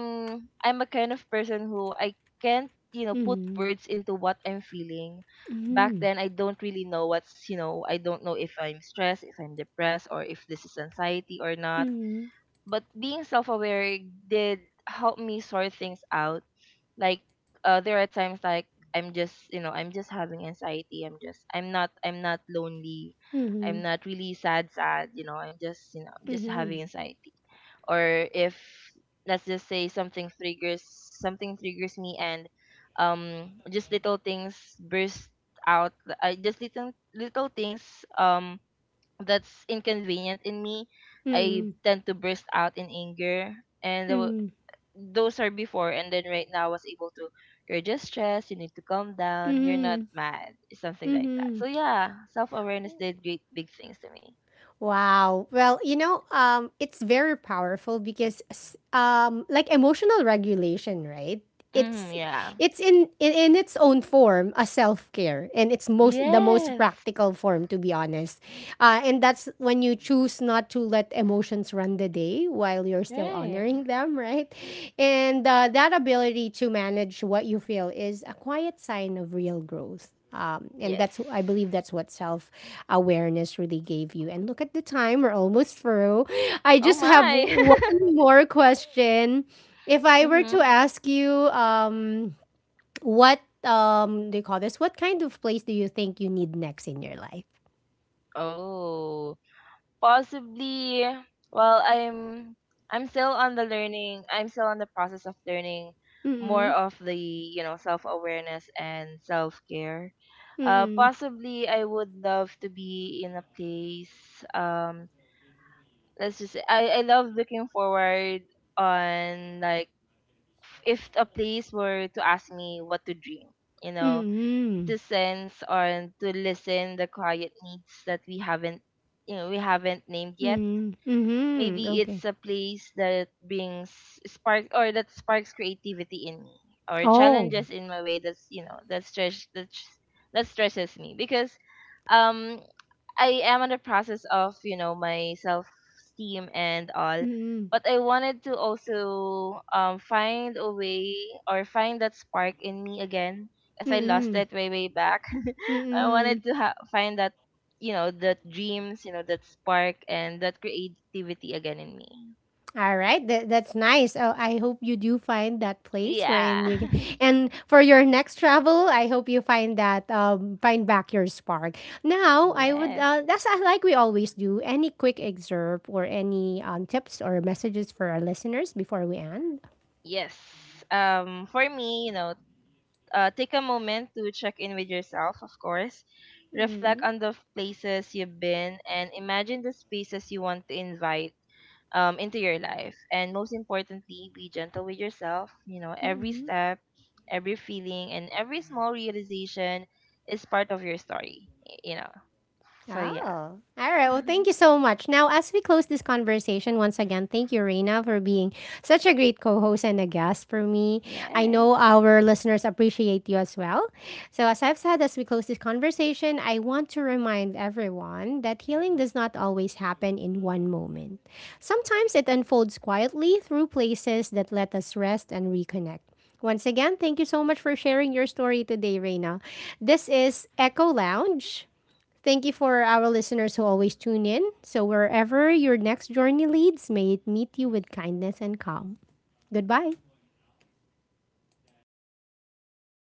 I'm a kind of person who I can't, you know, put
Mhm.
words into what I'm feeling. Back
Mhm.
then I don't really know what's, you know, I don't know if I'm stressed, if I'm depressed, or if this is anxiety or not.
Mhm.
But being self-aware did help me sort things out. Like there are times like I'm just having anxiety, I'm not, I'm not lonely, I'm
Mhm.
not really sad, you know, I'm just you know I'm just
Mhm.
having anxiety. Or if, let's just say, something triggers me, and just little things burst out. I just Little things um that's inconvenient in me, I
Mhm.
tend to burst out in anger. And
Mhm.
those are before, and then right now I was able to, you're just stressed, you need to calm down, you're not
Mhm.
mad, something like that. So
Mhm.
yeah, self awareness did great big things to me.
Wow. Well, you know, it's very powerful because, like emotional regulation, right?
Mm,
It's
yeah.
it's in in its own form a self care, and it's most the most
Yes.
practical form, to be honest. And that's when you choose not to let emotions run the day while you're still
Right.
honoring them, right? And that ability to manage what you feel is a quiet sign of real growth. And
Yes.
that's, I believe, that's what self awareness really gave you. And look at the time, we're almost through. I
Oh
just have
my.
one more question. If I were to
mhm.
ask you, what do you call this? What kind of place do you think you need next in your life?
Oh. Possibly, well, I'm still on the learning, I'm still on the process of learning more
Mm-mm.
of the, you know, self awareness and self care.
Mm-mm.
Possibly I would love to be in a place. Um, let's just say, I love looking forward on, like, if a place were to ask me what to dream, you know,
Mm,
to sense or to listen the quiet needs that we haven't, you know, we haven't named yet.
mm, mhm,
Maybe
okay.
it's a place that brings spark, or that sparks creativity in me, or
Oh,
challenges in my way, that's you know that that stretches me, because um I am in the process of, you know, my self esteem and all.
mm,
But I wanted to also find a way, or find that spark in me again, as I lost
mm,
it way back. I
mm.
wanted to find that, you know, that dreams, you know, that spark and that creativity again in me.
Alright, that that's nice. Oh, I hope you do find that place
Yeah.
wherein you can, and for your next travel, I hope you find that find back your spark. Now, I would
yes.
that's like we always do. Any quick excerpt or any tips or messages for our listeners before we end?
Yes. For me, you know, take a moment to check in with yourself, of course. Reflect
Mm,
on the places you've been and imagine the spaces you want to invite into your life. And most importantly, be gentle with yourself. You know, every
hmm.
step, every feeling, and every small realization is part of your story. You know, so yeah.
Oh, all right. Well, thank you so much. Now, as we close this conversation, once again, thank you, Reina, for being such a great co host and a guest for me. I
Yes.
know our listeners appreciate you as well. So, as I've said, as we close this conversation, I want to remind everyone that healing does not always happen in one moment. Sometimes it unfolds quietly through places that let us rest and reconnect. Once again, thank you so much for sharing your story today, Reina. This is Echo Lounge. Thank you for our listeners who always tune in. So, wherever your next journey leads, may it meet you with kindness and calm. Goodbye.